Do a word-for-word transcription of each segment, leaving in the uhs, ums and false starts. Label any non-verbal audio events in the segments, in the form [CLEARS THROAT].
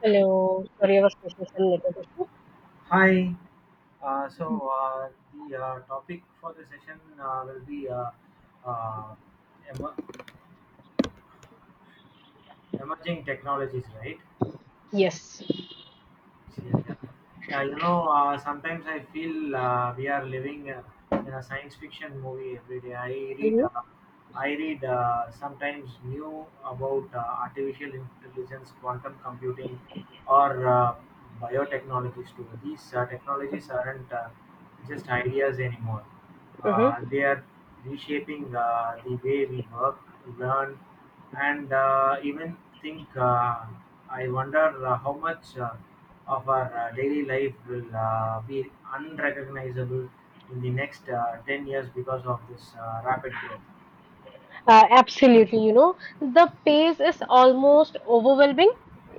Hello, sorry, I was facing some network issue. Hi. Uh, so uh, the uh, topic for the session uh, will be uh, uh, emer- emerging technologies, right? Yes. Yeah, yeah. Yeah, you know, uh, sometimes I feel uh, we are living uh, in a science fiction movie every day. I read Mhm, uh, I read uh, sometimes new about uh, artificial intelligence, quantum computing, or uh, biotechnologies too. These uh, technologies aren't uh, just ideas anymore. Uh, mhm. They are reshaping uh, the way we work, learn, and uh, even think. Uh, I wonder uh, how much uh, of our uh, daily life will uh, be unrecognizable in the next uh, ten years because of this uh, rapid growth. Uh, absolutely, you know, the pace is almost overwhelming.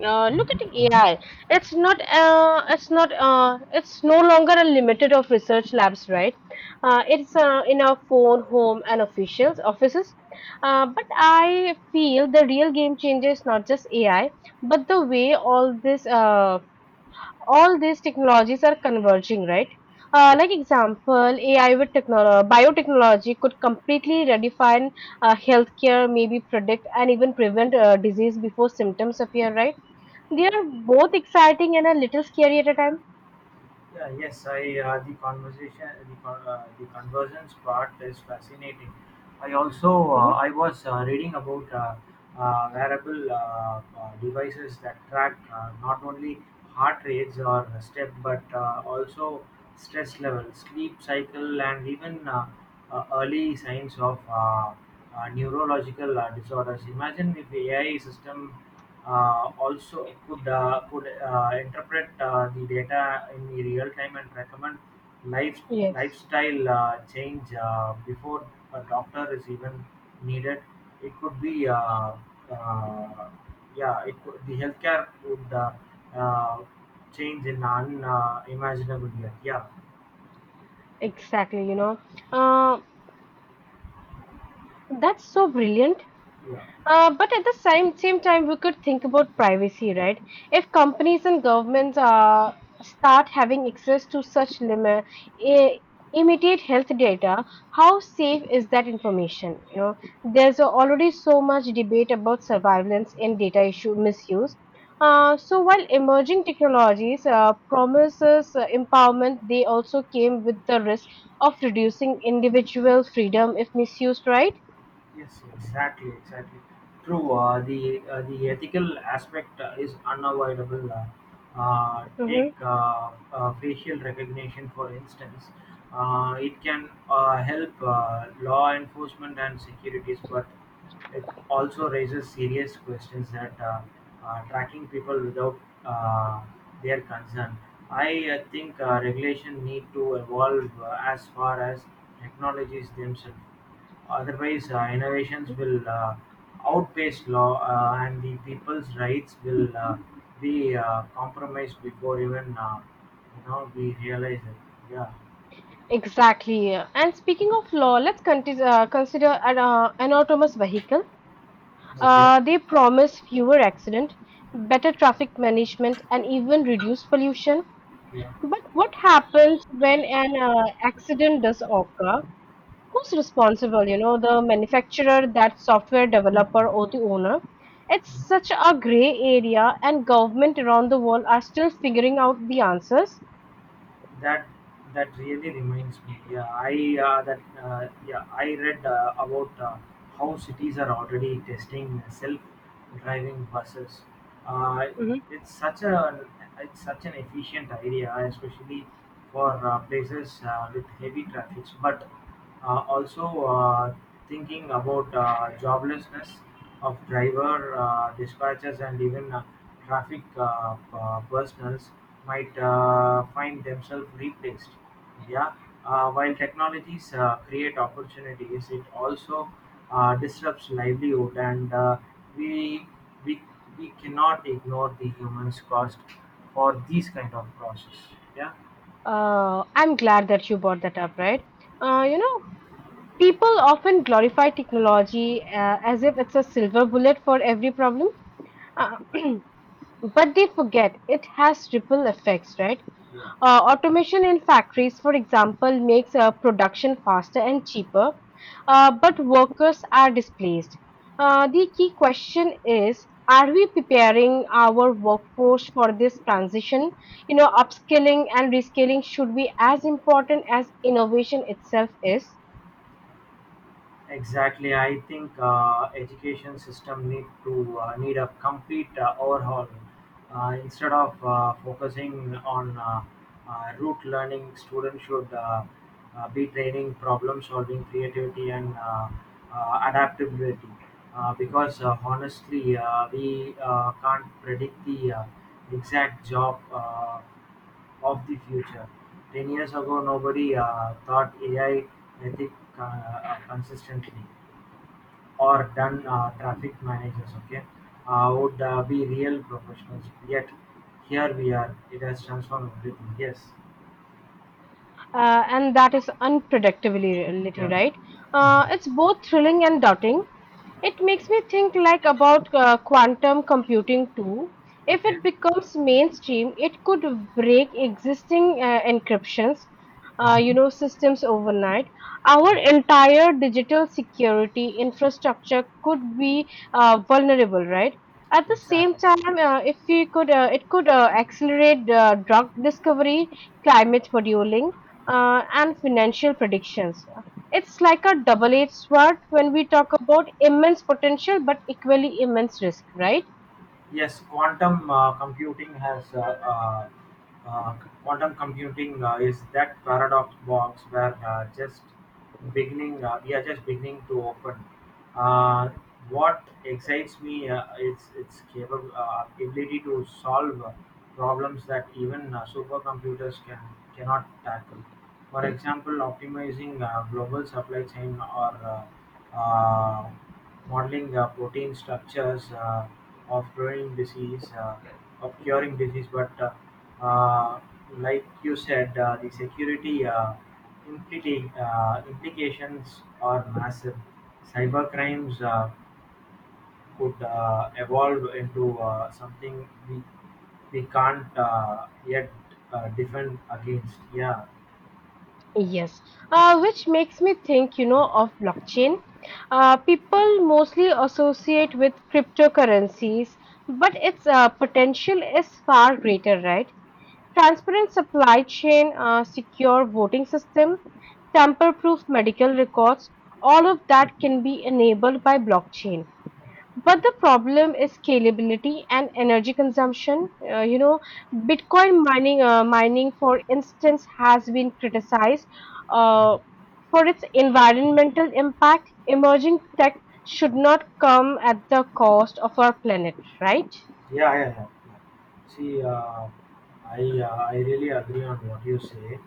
Uh, look Mm-hmm. at Mm-hmm. A I. It's not, uh, it's not, uh, it's no longer a limited of research labs, right? Uh, it's uh, in our phone, home, and officials offices. Uh, but I feel the real game changer is not just A I, but the way all this uh, all these technologies are converging, right? Uh, Yeah, like example, A I with technolo- biotechnology could completely redefine uh, healthcare, maybe predict and even prevent uh, disease before symptoms appear, right? They yeah, are both exciting and a little scary at a time. yeah. Yes, I uh, the conversation, the con- uh, the convergence part is fascinating. I also uh, Mhm. I was uh, reading about uh, uh, wearable uh, uh, devices that track uh, not only heart rates or step, but uh, also stress level, sleep cycle, and even uh, uh, early signs of uh, uh, neurological uh, disorders. Imagine if A I system uh, also could, uh, could uh, interpret uh, the data in the real time and recommend life Yes, lifestyle uh, change uh, before a doctor is even needed. It could be uh, uh, yeah, it could, the healthcare would uh, uh, change in unimaginable uh, imaginable yet. Yeah, exactly. You know, uh, that's so brilliant. yeah. Uh, but at the same same time, we could think about privacy, right? If companies and governments uh, start having access to such limit, I immediate health data, how safe is that information? You know, there's already so much debate about surveillance and data issue misuse. Uh, so while emerging technologies uh, promises uh, empowerment, they also came with the risk of reducing individual freedom if misused, right? Yes, exactly, exactly. True. Uh, the uh, the ethical aspect uh, is unavoidable. Uh, uh, take uh, uh, facial recognition for instance. Uh, it can uh, help uh, law enforcement and securities, but it also raises serious questions that uh, uh, tracking people without uh, their consent. I uh, think uh, regulation need to evolve uh, as far as technologies themselves. Otherwise, uh, innovations will uh, outpace law, uh, and the people's rights will uh, be uh, compromised before even uh, you know we realize it. Yeah. Exactly. And speaking of law, let's conti- uh, consider an uh, autonomous vehicle. Okay. Uh, they promise fewer accidents, better traffic management, and even reduced pollution. Yeah. But what happens when an uh, accident does occur? Who's responsible? You know, the manufacturer, that software developer, Mhm. or the owner? It's such a gray area, and government around the world are still figuring out the answers. That that really reminds me. Yeah, I uh, that uh, yeah I read uh, about uh, how cities are already testing self-driving buses. Uh, Mm-hmm. it's such a it's such an efficient idea, especially for uh, places uh, with heavy traffic. But uh, also, uh, thinking about uh, joblessness of driver uh, dispatchers and even uh, traffic uh, uh, personnels might uh, find themselves replaced. Yeah, uh, while technologies uh, create opportunities, it also uh, disrupts livelihood, and uh, we we we cannot ignore the humans cost for these kind of process. Yeah, Uh, I'm glad that you brought that up, right? Uh, you know, people often glorify technology uh, as if it's a silver bullet for every problem. Uh, [CLEARS THROAT] but they forget it has ripple effects, right? yeah. Uh, automation in factories, for example, makes uh, production faster and cheaper, uh, but workers are displaced. Uh, the key question is, are we preparing our workforce for this transition? You know, upskilling and reskilling should be as important as innovation itself is. Exactly, I think uh, education system need to uh, need a complete uh, overhaul. Uh, instead of uh, focusing on uh, uh, rote learning, students should uh, uh, be training problem solving, creativity, and uh, uh, adaptability. Uh, because uh, honestly, uh, we uh, can't predict the uh, exact job uh, of the future. Ten years ago, nobody uh, thought A I ethic uh, uh, consistently or done uh, traffic managers okay uh, would uh, be real professionals yet, here we are, it has transformed everything. Yes. uh, and that is unpredictability, Yeah. right? Mhm. Uh, it's both thrilling and daunting. It makes me think like about uh, quantum computing too. If Okay. it becomes mainstream, it could break existing uh, encryptions, uh, you Mhm. know, systems overnight. Yeah. Our entire digital security infrastructure could be uh, vulnerable, right? At the same Exactly. time, uh, if we could, uh, it could uh, accelerate uh, drug discovery, climate modeling uh, and financial predictions. It's like a double edged sword when we talk about immense potential but equally immense risk, right? Yes, quantum uh, computing has uh, uh, uh, quantum computing uh, is that paradox box where uh, just beginning uh, we are just beginning to open. Uh, what excites me uh, is its capable uh, ability to solve uh, problems that even uh, supercomputers can cannot tackle. For example, optimizing uh, global supply chain or uh, uh, modeling uh, protein structures uh, of curing disease, uh, of curing disease, but uh, uh, like you said, uh, the security implita- implications are massive. Cybercrimes uh, could uh, evolve into uh, something we we can't uh, yet uh, defend against. Yeah. Yes, uh, which makes me think, you know, of blockchain. Uh, people mostly associate with cryptocurrencies, but its uh, potential is far greater, right? Transparent supply chain, uh, secure voting system, tamper proof medical records, all of that can be enabled by blockchain. But the problem is scalability and energy consumption. Uh, you know, Bitcoin mining, uh, mining for instance, has been criticized uh, for its environmental impact. Emerging tech should not come at the cost of our planet, right? Yeah, yeah, yeah, yeah. See, uh, I uh, I really agree on what you say.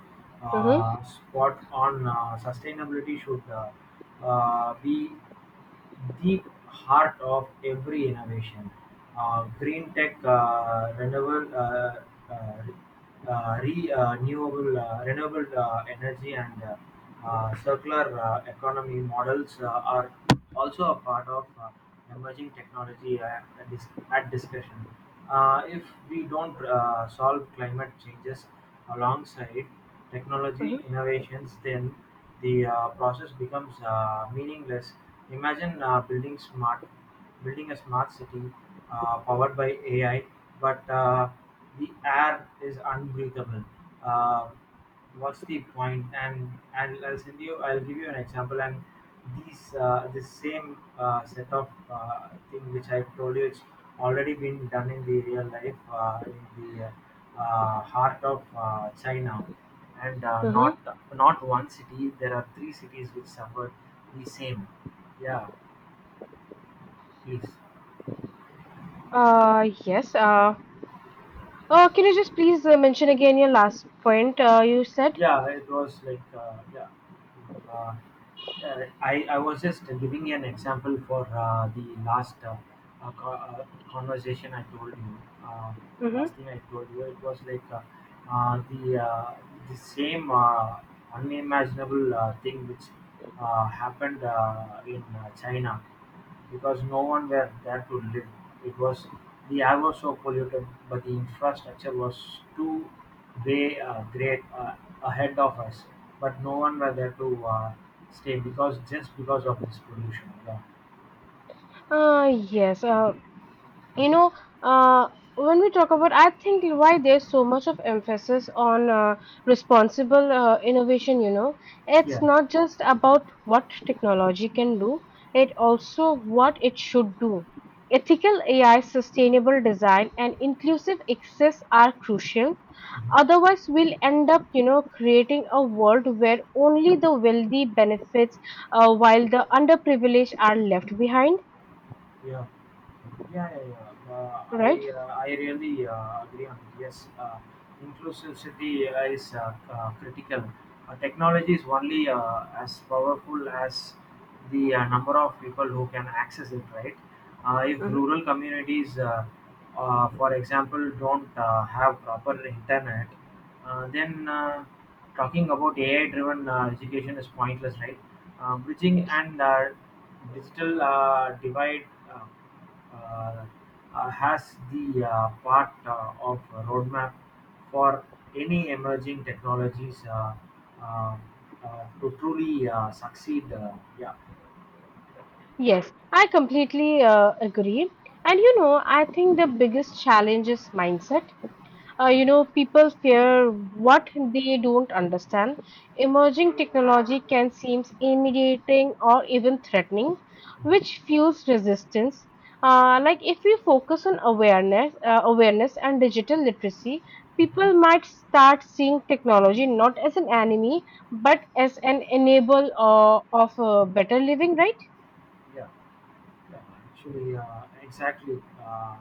Mm-hmm, Uh, spot on. Uh, sustainability should uh, uh, be the heart of every innovation. Uh, green tech, uh, renewable, uh, uh, uh, re, uh, renewable, uh, renewable uh, energy, and uh, uh, circular uh, economy models uh, are also a part of uh, emerging technology at, at, dis- at discussion. Uh, if we don't uh, solve climate changes alongside technology innovations, then the uh, process becomes uh, meaningless. Imagine uh, building smart, building a smart city uh, powered by A I, but uh, the air is unbreathable. Uh, What's the point? And and I'll send you. I'll give you an example. And these uh, this same uh, set of uh, thing which I've told you, it's already been done in the real life uh, in the uh, heart of uh, China, and uh, mm-hmm, mm-hmm. not not one city. There are three cities which suffered the same. Yeah, please. Uh, yes. Uh, uh, can you just please uh, mention again your last point uh, you said? Yeah it was like uh, yeah Mm, uh, yeah, I, I was just giving you an example for uh, the last uh, uh, co- uh, conversation I told you. Uh, Mm-hmm. Last thing I told you, it was like uh, uh, the uh, the same uh, unimaginable uh, thing which uh, happened uh, in uh, China because no one were there to live. It was The air was so polluted, but the infrastructure was too they great, uh, ahead of us, but no one were there to uh, stay because just because of this pollution. Yeah. Uh, yes. Uh, You know, uh, when we talk about, I think why there's so much of emphasis on uh, responsible uh, innovation, you know, it's Yeah. not just about what technology can do, it also what it should do. Ethical A I, sustainable design, and inclusive access are crucial. Mhm. Otherwise, we'll end up, you know, creating a world where only the wealthy benefits uh, while the underprivileged are left behind, Yeah, yeah, yeah, yeah. Uh, I right? uh, I really uh, agree on it. Yes, uh, inclusivity is uh, uh, critical. Uh, technology is only uh, as powerful as the uh, number of people who can access it, right? Uh, if Mhm. rural communities, uh, uh, for example, don't uh, have proper internet, uh, then uh, talking about AI driven uh, education is pointless, right? uh, bridging Yes. and uh, digital uh, divide uh, uh, uh, has the uh, part uh, of roadmap for any emerging technologies uh, uh, uh, to truly uh, succeed. Uh, yeah. Yes, I completely uh, agree. And you know, I think the biggest challenge is mindset. Uh, you know, people fear what they don't understand. Emerging technology can seem intimidating or even threatening, which fuels resistance. Uh, like if we focus on awareness, uh, awareness and digital literacy, Mhm. people might start seeing technology not as an enemy, but as an enable uh, of a better living, right? Yeah, yeah. Actually, uh, exactly. Uh,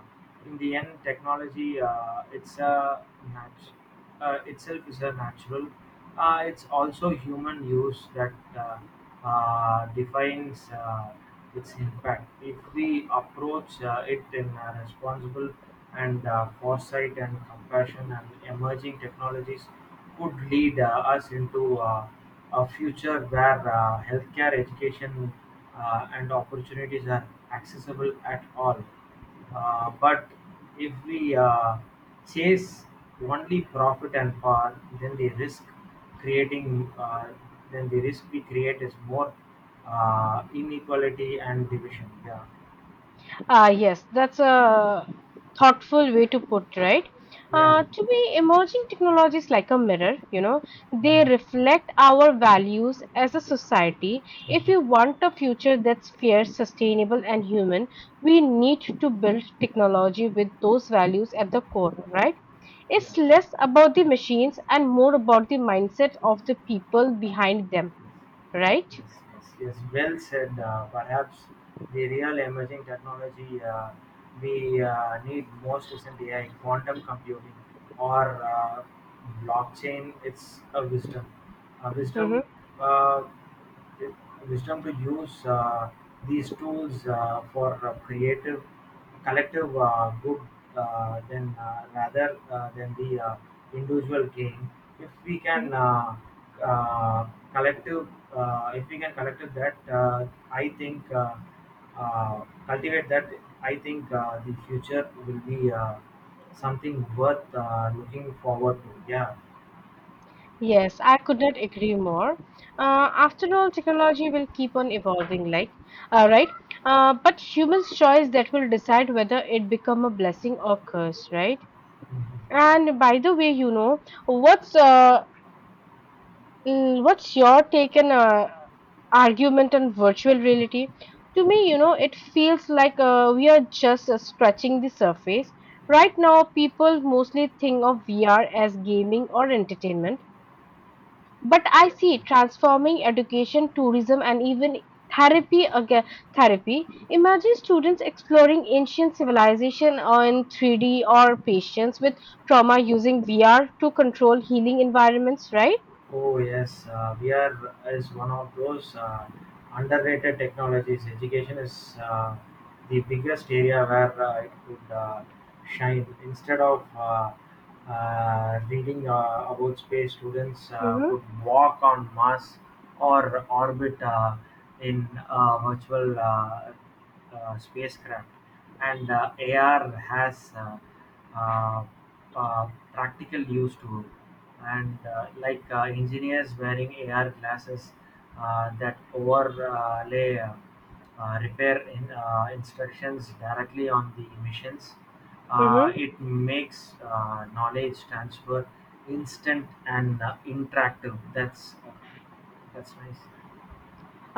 in the end, technology uh, it's a nat- uh, itself is a natural. Uh, it's also human use that uh, uh, defines uh, its impact. If we approach uh, it in a responsible and uh, foresight and compassion and emerging technologies could lead uh, us into uh, a future where uh, healthcare, education uh, and opportunities are accessible at all. Uh, but if we uh, chase only profit and power, then the risk creating, uh, then the risk we create is more uh, inequality and division. Yeah, Ah, yes, that's a thoughtful way to put, right? yeah, Uh, to me, emerging technologies like a mirror, you know, they reflect our values as a society. If we want a future that's fair, sustainable, and human, we need to build technology with those values at the core, right? yeah. It's less about the machines and more about the mindset of the people behind them, right? Yes, yes, yes. Well said. Uh, perhaps the real emerging technology uh, we uh, need most is in A I, quantum computing, or uh, blockchain. It's a wisdom. A Mm-hmm. wisdom. Uh, Wisdom to use uh, these tools uh, for uh, creative collective uh, good, uh, than uh, rather uh, than the uh, individual gain. If we mm-hmm. can uh, uh, collective uh, if we can collective that, uh, I think uh, uh, cultivate that, I think uh, the future will be uh, something worth uh, looking forward to. Yeah. Yes, I could not agree more. Uh, after all, technology will keep on evolving, like, all right. Uh, but human's choice that will decide whether it become a blessing or curse, right? Mhm. Yeah. And by the way, you know, what's uh, mm, what's your take and uh, argument on virtual reality? To me, you know, it feels like uh, we are just uh, scratching the surface. Yeah. Right now, people mostly think of V R as gaming or entertainment, but I see it transforming education, tourism, and even therapy. Again, therapy. Imagine students exploring ancient civilization on three D or patients with trauma using V R to control healing environments, right? Oh yes, uh, V R is one of those uh, underrated technologies. Education is uh, the biggest area where uh, it could uh, shine. Instead of uh, uh, reading uh, about space, students uh, Mm-hmm. could walk on Mars or orbit uh, in a virtual uh, uh, spacecraft, and uh, A R has uh, uh, uh, practical use to it. And uh, like uh, engineers wearing A R glasses uh, that overlay uh, uh, repair in, uh, instructions directly on the missions. Uh, it makes uh, knowledge transfer instant and uh, interactive. That's that's nice.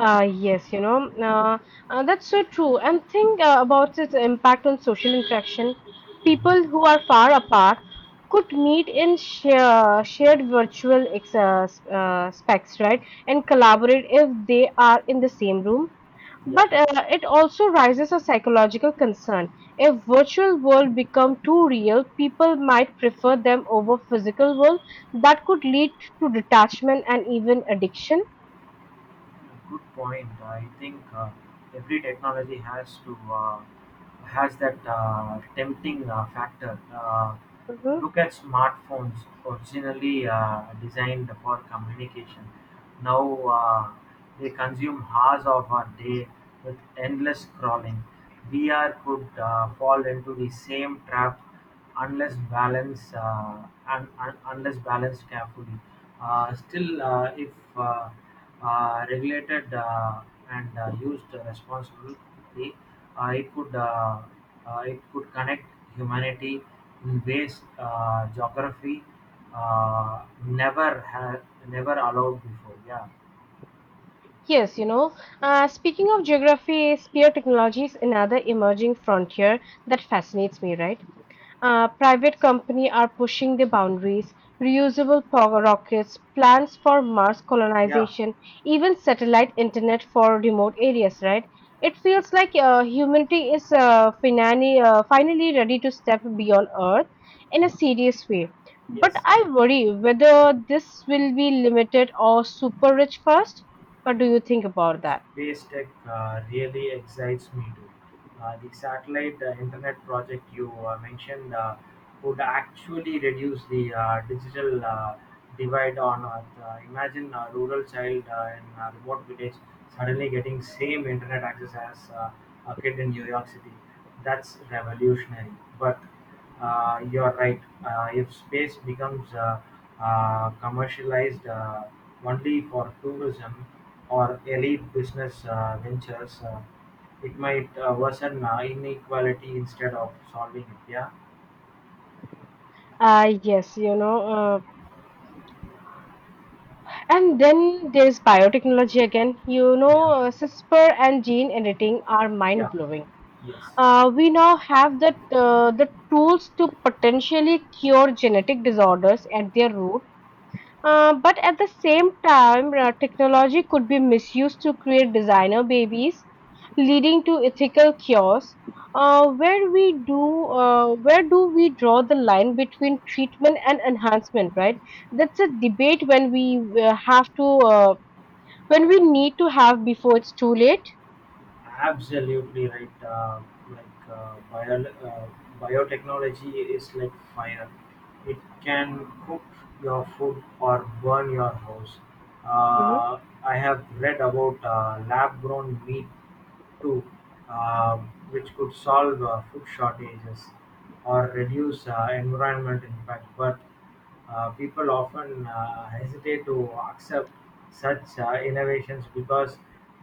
Ah yes, you know, uh, uh, that's so true. And think uh, about its impact on social interaction. People who are far apart could meet in share, shared virtual ex uh, s- uh, specs, right? And collaborate if they are in the same room. Yeah. But uh, it also raises a psychological concern. If virtual world become too real, people might prefer them over physical world. That could lead to detachment and even addiction. Good point. I think uh, every technology has to, uh, has that uh, tempting uh, factor. Uh, Mm-hmm. Look at smartphones, originally uh, designed for communication. Now uh, they consume hours of our day with endless scrolling. V R could uh, fall into the same trap unless balanced uh, un, un, unless balanced carefully. Uh, still, uh, if uh, uh, regulated uh, and uh, used responsibly, uh, it could uh, uh, it could connect humanity in ways uh, geography uh, never had never allowed before. Yeah, Yes, you know, uh, speaking of geography, spear technology is another emerging frontier that fascinates me, right? Uh, private company are pushing the boundaries, reusable power rockets, plans for Mars yeah, colonization, even satellite internet for remote areas, right? It feels like uh, humanity is uh, finally, uh, finally ready to step beyond Earth in a yeah. serious way. But Yes. I worry whether this will be limited or super rich first. What do you think about that? Space tech uh, really excites me too. Uh, the satellite uh, internet project you uh, mentioned uh, would actually reduce the uh, digital uh, divide on Earth. Uh, imagine a rural child uh, in a remote village suddenly getting same internet access as uh, a kid in New York City. That's revolutionary. But uh, You're right. Uh, if space becomes uh, uh, commercialized uh, only for tourism or elite business uh, ventures, uh, it might uh, worsen uh, inequality instead of solving it. Yeah. Uh, yes, you know, uh, and then there's biotechnology again. You know, Yeah, uh, CRISPR and gene editing are mind yeah, blowing. yes. Uh, we now have the uh, the tools to potentially cure genetic disorders at their root. Uh, but at the same time, uh, technology could be misused to create designer babies, leading to ethical chaos. Uh, where we do, uh, where do we draw the line between treatment and enhancement? Right, that's a debate when we uh, have to, uh, when we need to have before it's too late. Absolutely right. Uh, like uh, bio, uh, Biotechnology is like fire. It can cook your food or burn your house. Mhm. Uh, I have read about uh, lab-grown meat too, um, which could solve uh, food shortages or reduce uh, environment impact. But uh, people often uh, hesitate to accept such uh, innovations because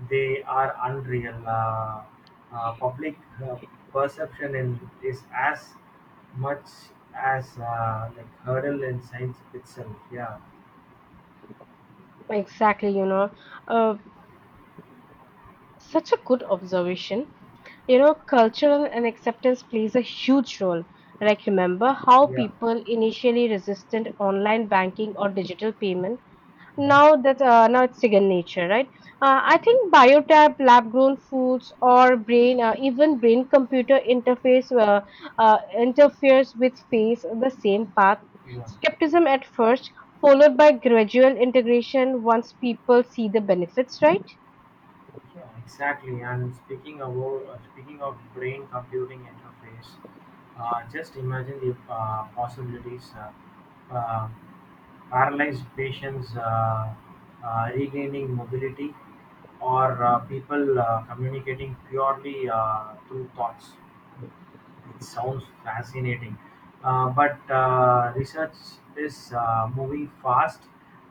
they are unreal. Uh, uh, public uh, perception in, is as much as uh, like hurdle in science itself. Yeah, Exactly, you know. Uh, Such a good observation. You know, cultural and acceptance plays a huge role. Like, remember how yeah, people initially resisted online banking or digital payment? mhm, Now that uh, now it's second nature, right? Uh, I think biotap, lab-grown foods, or brain, uh, even brain-computer interface uh, uh, interferes with face the same path. yeah. Skepticism at first, followed by gradual integration once people see the benefits, right? Yeah, exactly. And speaking of uh, speaking of brain computing interface, uh, just imagine the uh, possibilities. Uh, uh, Paralyzed patients uh, uh, regaining mobility, or uh, people uh, communicating purely uh, through thoughts. It sounds fascinating. Uh, but uh, Research is uh, moving fast.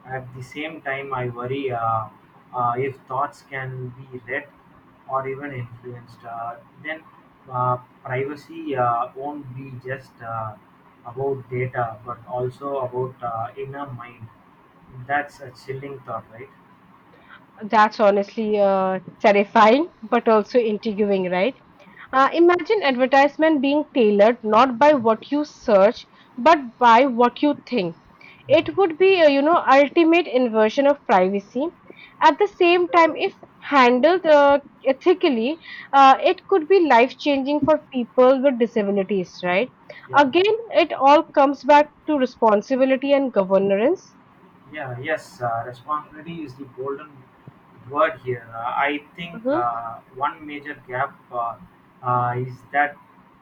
At the same time, I worry uh, uh, if thoughts can be read or even influenced, uh, then uh, privacy uh, won't be just uh, about data but also about uh, inner mind. That's a chilling thought, right? That's honestly uh, terrifying, but also intriguing, right? Uh, imagine advertisement being tailored not by what you search, but by what you think. It would be, a, you know, ultimate inversion of privacy. At the same time, if handled uh, ethically, uh, it could be life-changing for people with disabilities, right? Yeah. Again, it all comes back to responsibility and governance. Yeah, yes, uh, responsibility is the golden word here. Uh, I think uh, one major gap uh, uh, is that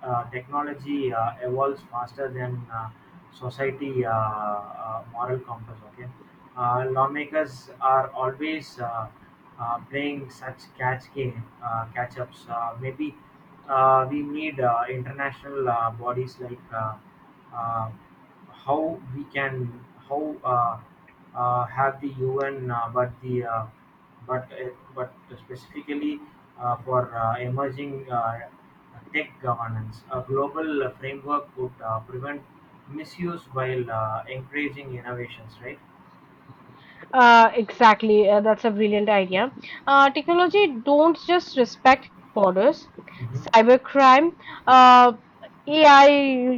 uh, technology uh, evolves faster than uh, society uh, uh, moral compass. Okay, uh, lawmakers are always uh, uh, playing such catch game, uh, catch ups. Uh, maybe uh, we need uh, international uh, bodies like uh, uh, how we can how. Uh, uh, have the U N, uh, but the uh, but uh, but specifically uh, for uh, emerging uh, tech governance, a global uh, framework would uh, prevent misuse while uh, encouraging innovations, right? Uh, exactly. Uh, that's a brilliant idea. Uh, technology don't just respect borders. hmm Cybercrime, uh, A I,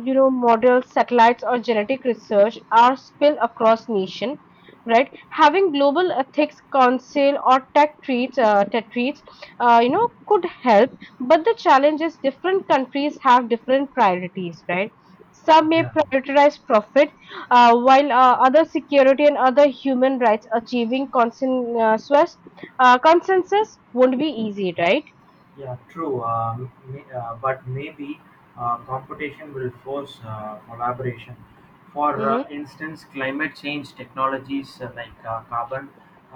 you know, models, satellites, or genetic research are spilled across nation, right? Having global ethics council or tetrates, uh, tetrates uh, you know, could help. But the challenge is different countries have different priorities, right? Some may Yeah. prioritize profit, uh, while uh, other security and other human rights achieving consensus, uh, consensus won't be easy, right? Yeah. True. Um, may, uh, but maybe. uh, competition will force uh, collaboration. For Mm-hmm. uh, instance, climate change technologies uh, like uh, carbon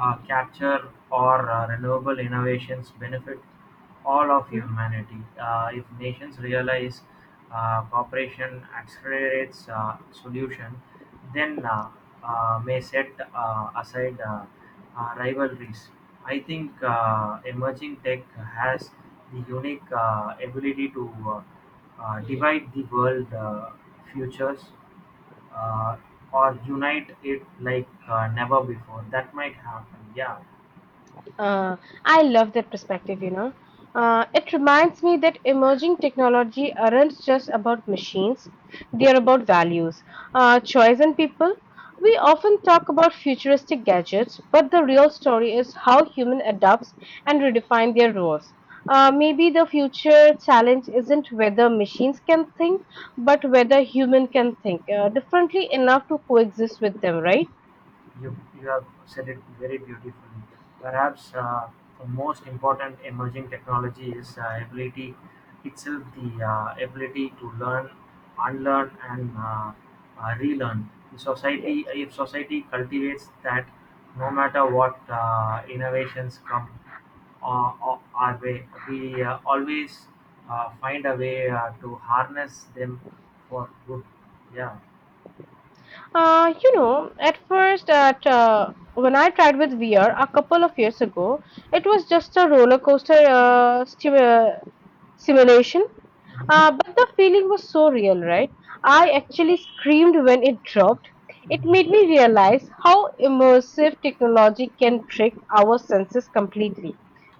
uh, capture or uh, renewable innovations benefit all of humanity. Uh, if nations realize uh, cooperation accelerates uh, solution, then uh, uh, may set uh, aside uh, uh, rivalries. I think uh, emerging tech has the unique uh, ability to uh, uh, divide the world uh, futures uh, or unite it like uh, never before. That might happen. Yeah, Uh, I love that perspective, you know. Uh, it reminds me that emerging technology aren't just about machines, they are about values, uh, choice, and people. We often talk about futuristic gadgets, but the real story is how human adapts and redefine their roles. Uh, maybe the future challenge isn't whether machines can think, but whether human can think uh, differently enough to coexist with them, right? you you have said it very beautifully. Perhaps uh, the most important emerging technology is uh, ability itself, the uh, ability to learn, unlearn, and uh, uh, relearn. The Yes. Society, if society cultivates that, no matter what uh, innovations come uh, of our way, we uh, always uh, find a way uh, to harness them for good. Yeah, Uh, you know, at first, at uh, when I tried with V R a couple of years ago, it was just a roller coaster uh, sim- uh, simulation. Uh, hmm but the feeling was so real, right? I yeah. actually screamed when it dropped. It made me realize how immersive technology can trick our senses completely.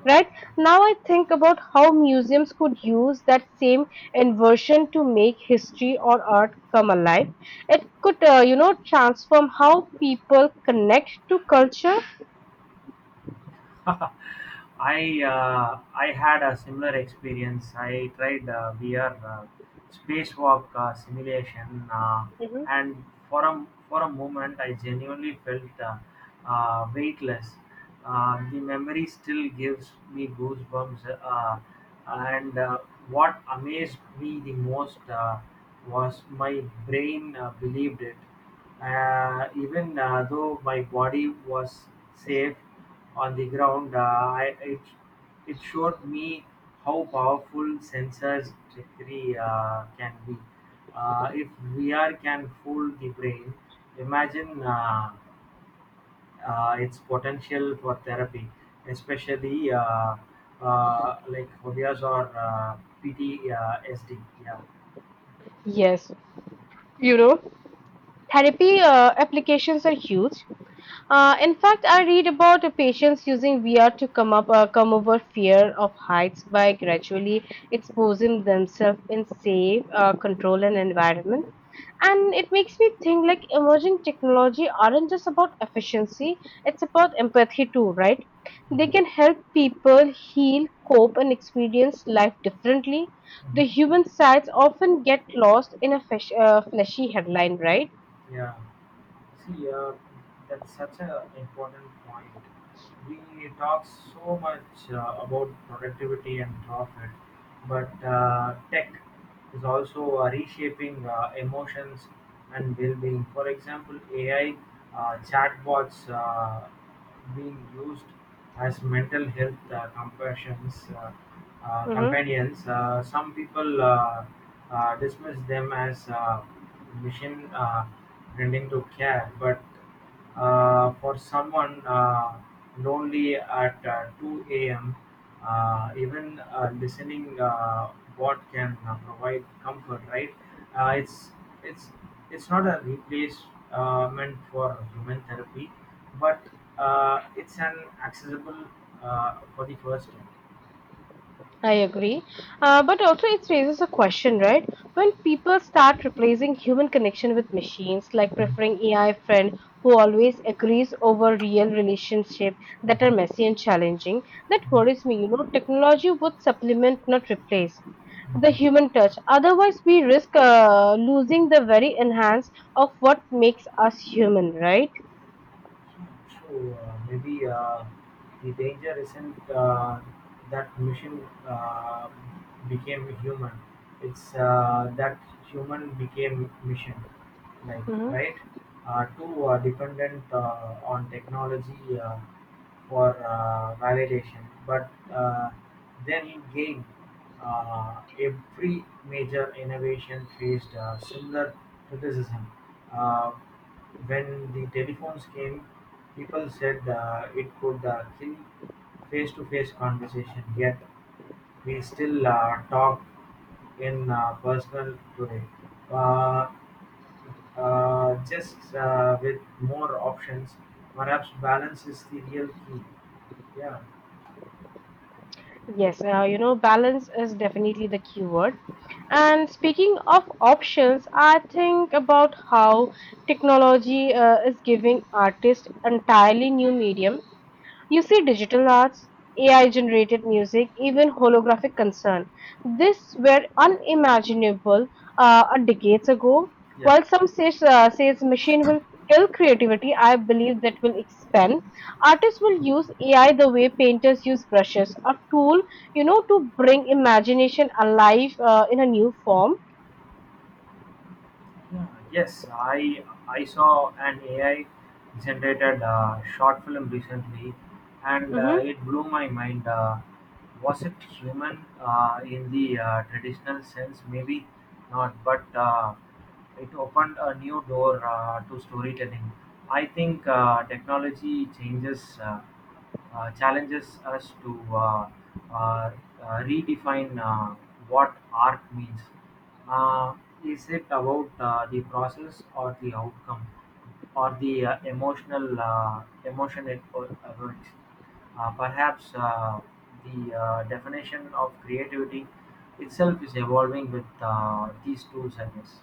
Right now, I think about how museums could use that same inversion to make history or art come alive. It could, uh, you know, transform how people connect to culture. [LAUGHS] I uh, I had a similar experience. I tried uh, V R uh, spacewalk uh, simulation, uh, Hmm. and for a for a moment, I genuinely felt uh, uh, weightless. Uh, the memory still gives me goosebumps, uh, and uh, what amazed me the most uh, was my brain uh, believed it, uh, even uh, though my body was safe on the ground. Uh, I, it it showed me how powerful sensors trickery uh, can be. Uh, if V R can fool the brain, imagine uh, uh, its potential for therapy, especially uh, uh, like phobias or uh, P T S D. Yeah. Yes, you know, therapy uh, applications are huge. Uh, in fact, I read about uh, patients using V R to come up, uh, come over fear of heights by gradually exposing themselves in safe, uh, controlled an environment. And it makes me think like emerging technology aren't just about efficiency; it's about empathy too, right? They can help people heal, cope, and experience life differently. The Mm-hmm. human sides often get lost in a flesh, uh, fleshy headline, right? Yeah, see, uh, that's such an important point. We talk so much uh, about productivity and profit, but uh, tech is also uh, reshaping uh, emotions and well-being. For example, A I uh, chatbots uh, being used as mental health uh, compassions, uh, uh, Mm-hmm. companions. Uh, some people uh, uh, dismiss them as uh, mission uh, tending to care, but uh, for someone uh, lonely at uh, two a m, uh, even uh, listening uh, what can uh, provide comfort, right? Uh, it's it's it's not a replacement for human therapy, but uh, it's an accessible uh, for the first time. I agree. Uh, but also, it raises a question, right? When people start replacing human connection with machines, like preferring A I friend who always agrees over real relationship that are messy and challenging, that worries me. You know, technology would supplement, not replace, the human touch. Otherwise, we risk uh, losing the very enhance of what makes us human, right? So uh, maybe uh, the danger isn't uh, that machine uh, became human. It's uh, that human became machine, like, right? Uh, too uh, dependent uh, on technology uh, for uh, validation, but uh, then gain. Uh, every major innovation faced uh, similar criticism. Uh, when the telephones came, people said uh, it could uh, kill face to face conversation, yet we still uh, talk in uh, personal today. Uh, uh, just uh, with more options, perhaps balance is the real key. Yeah. Yes, uh, you know, balance is definitely the keyword. And speaking of options, I think about how technology uh, is giving artists entirely new medium. You see digital arts, A I generated music, even holographic concern. This were unimaginable uh, a decades ago. Yeah. While some says, uh, says machine will kill creativity, I believe that will expand. Artists will use A I the way painters use brushes, a tool, you know, to bring imagination alive uh, in a new form. Yeah, yes, I I saw an A I generated a short film recently, and uh, Mm-hmm. it blew my mind. Uh, was it human uh, in the uh, traditional sense? Maybe not, but uh, it opened a new door uh, to storytelling. I think uh, technology changes uh, uh, challenges us to uh, uh, uh, redefine uh, what art means. Uh, is it about uh, the process or the outcome, or the uh, emotional uh, emotion it po- evokes? Uh, perhaps uh, the uh, definition of creativity itself is evolving with uh, these tools, I guess.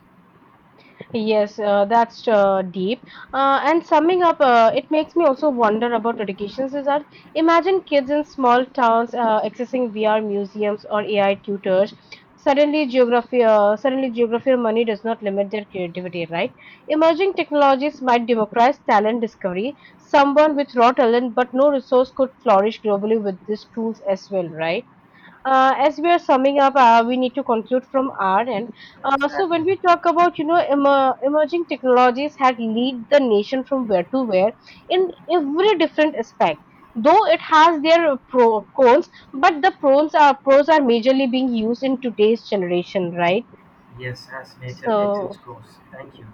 Yes, uh, that's uh, deep. Uh, and summing up, uh, it makes me also wonder about educations is that imagine kids in small towns uh, accessing V R museums or A I tutors. Suddenly, geography, uh, suddenly geography or money does not limit their creativity, right? Emerging technologies might democratize talent discovery. Someone with raw talent but no resource could flourish globally with these tools as well, right? Uh, as we are summing up, uh, we need to conclude from our end. Uh, so Exactly. when we talk about, you know, emer- emerging technologies had lead the nation from where to where in every different aspect. Though it has their pro cons, but the pros are pros are majorly being used in today's generation, right? Yes, as nature takes its So course. Thank you.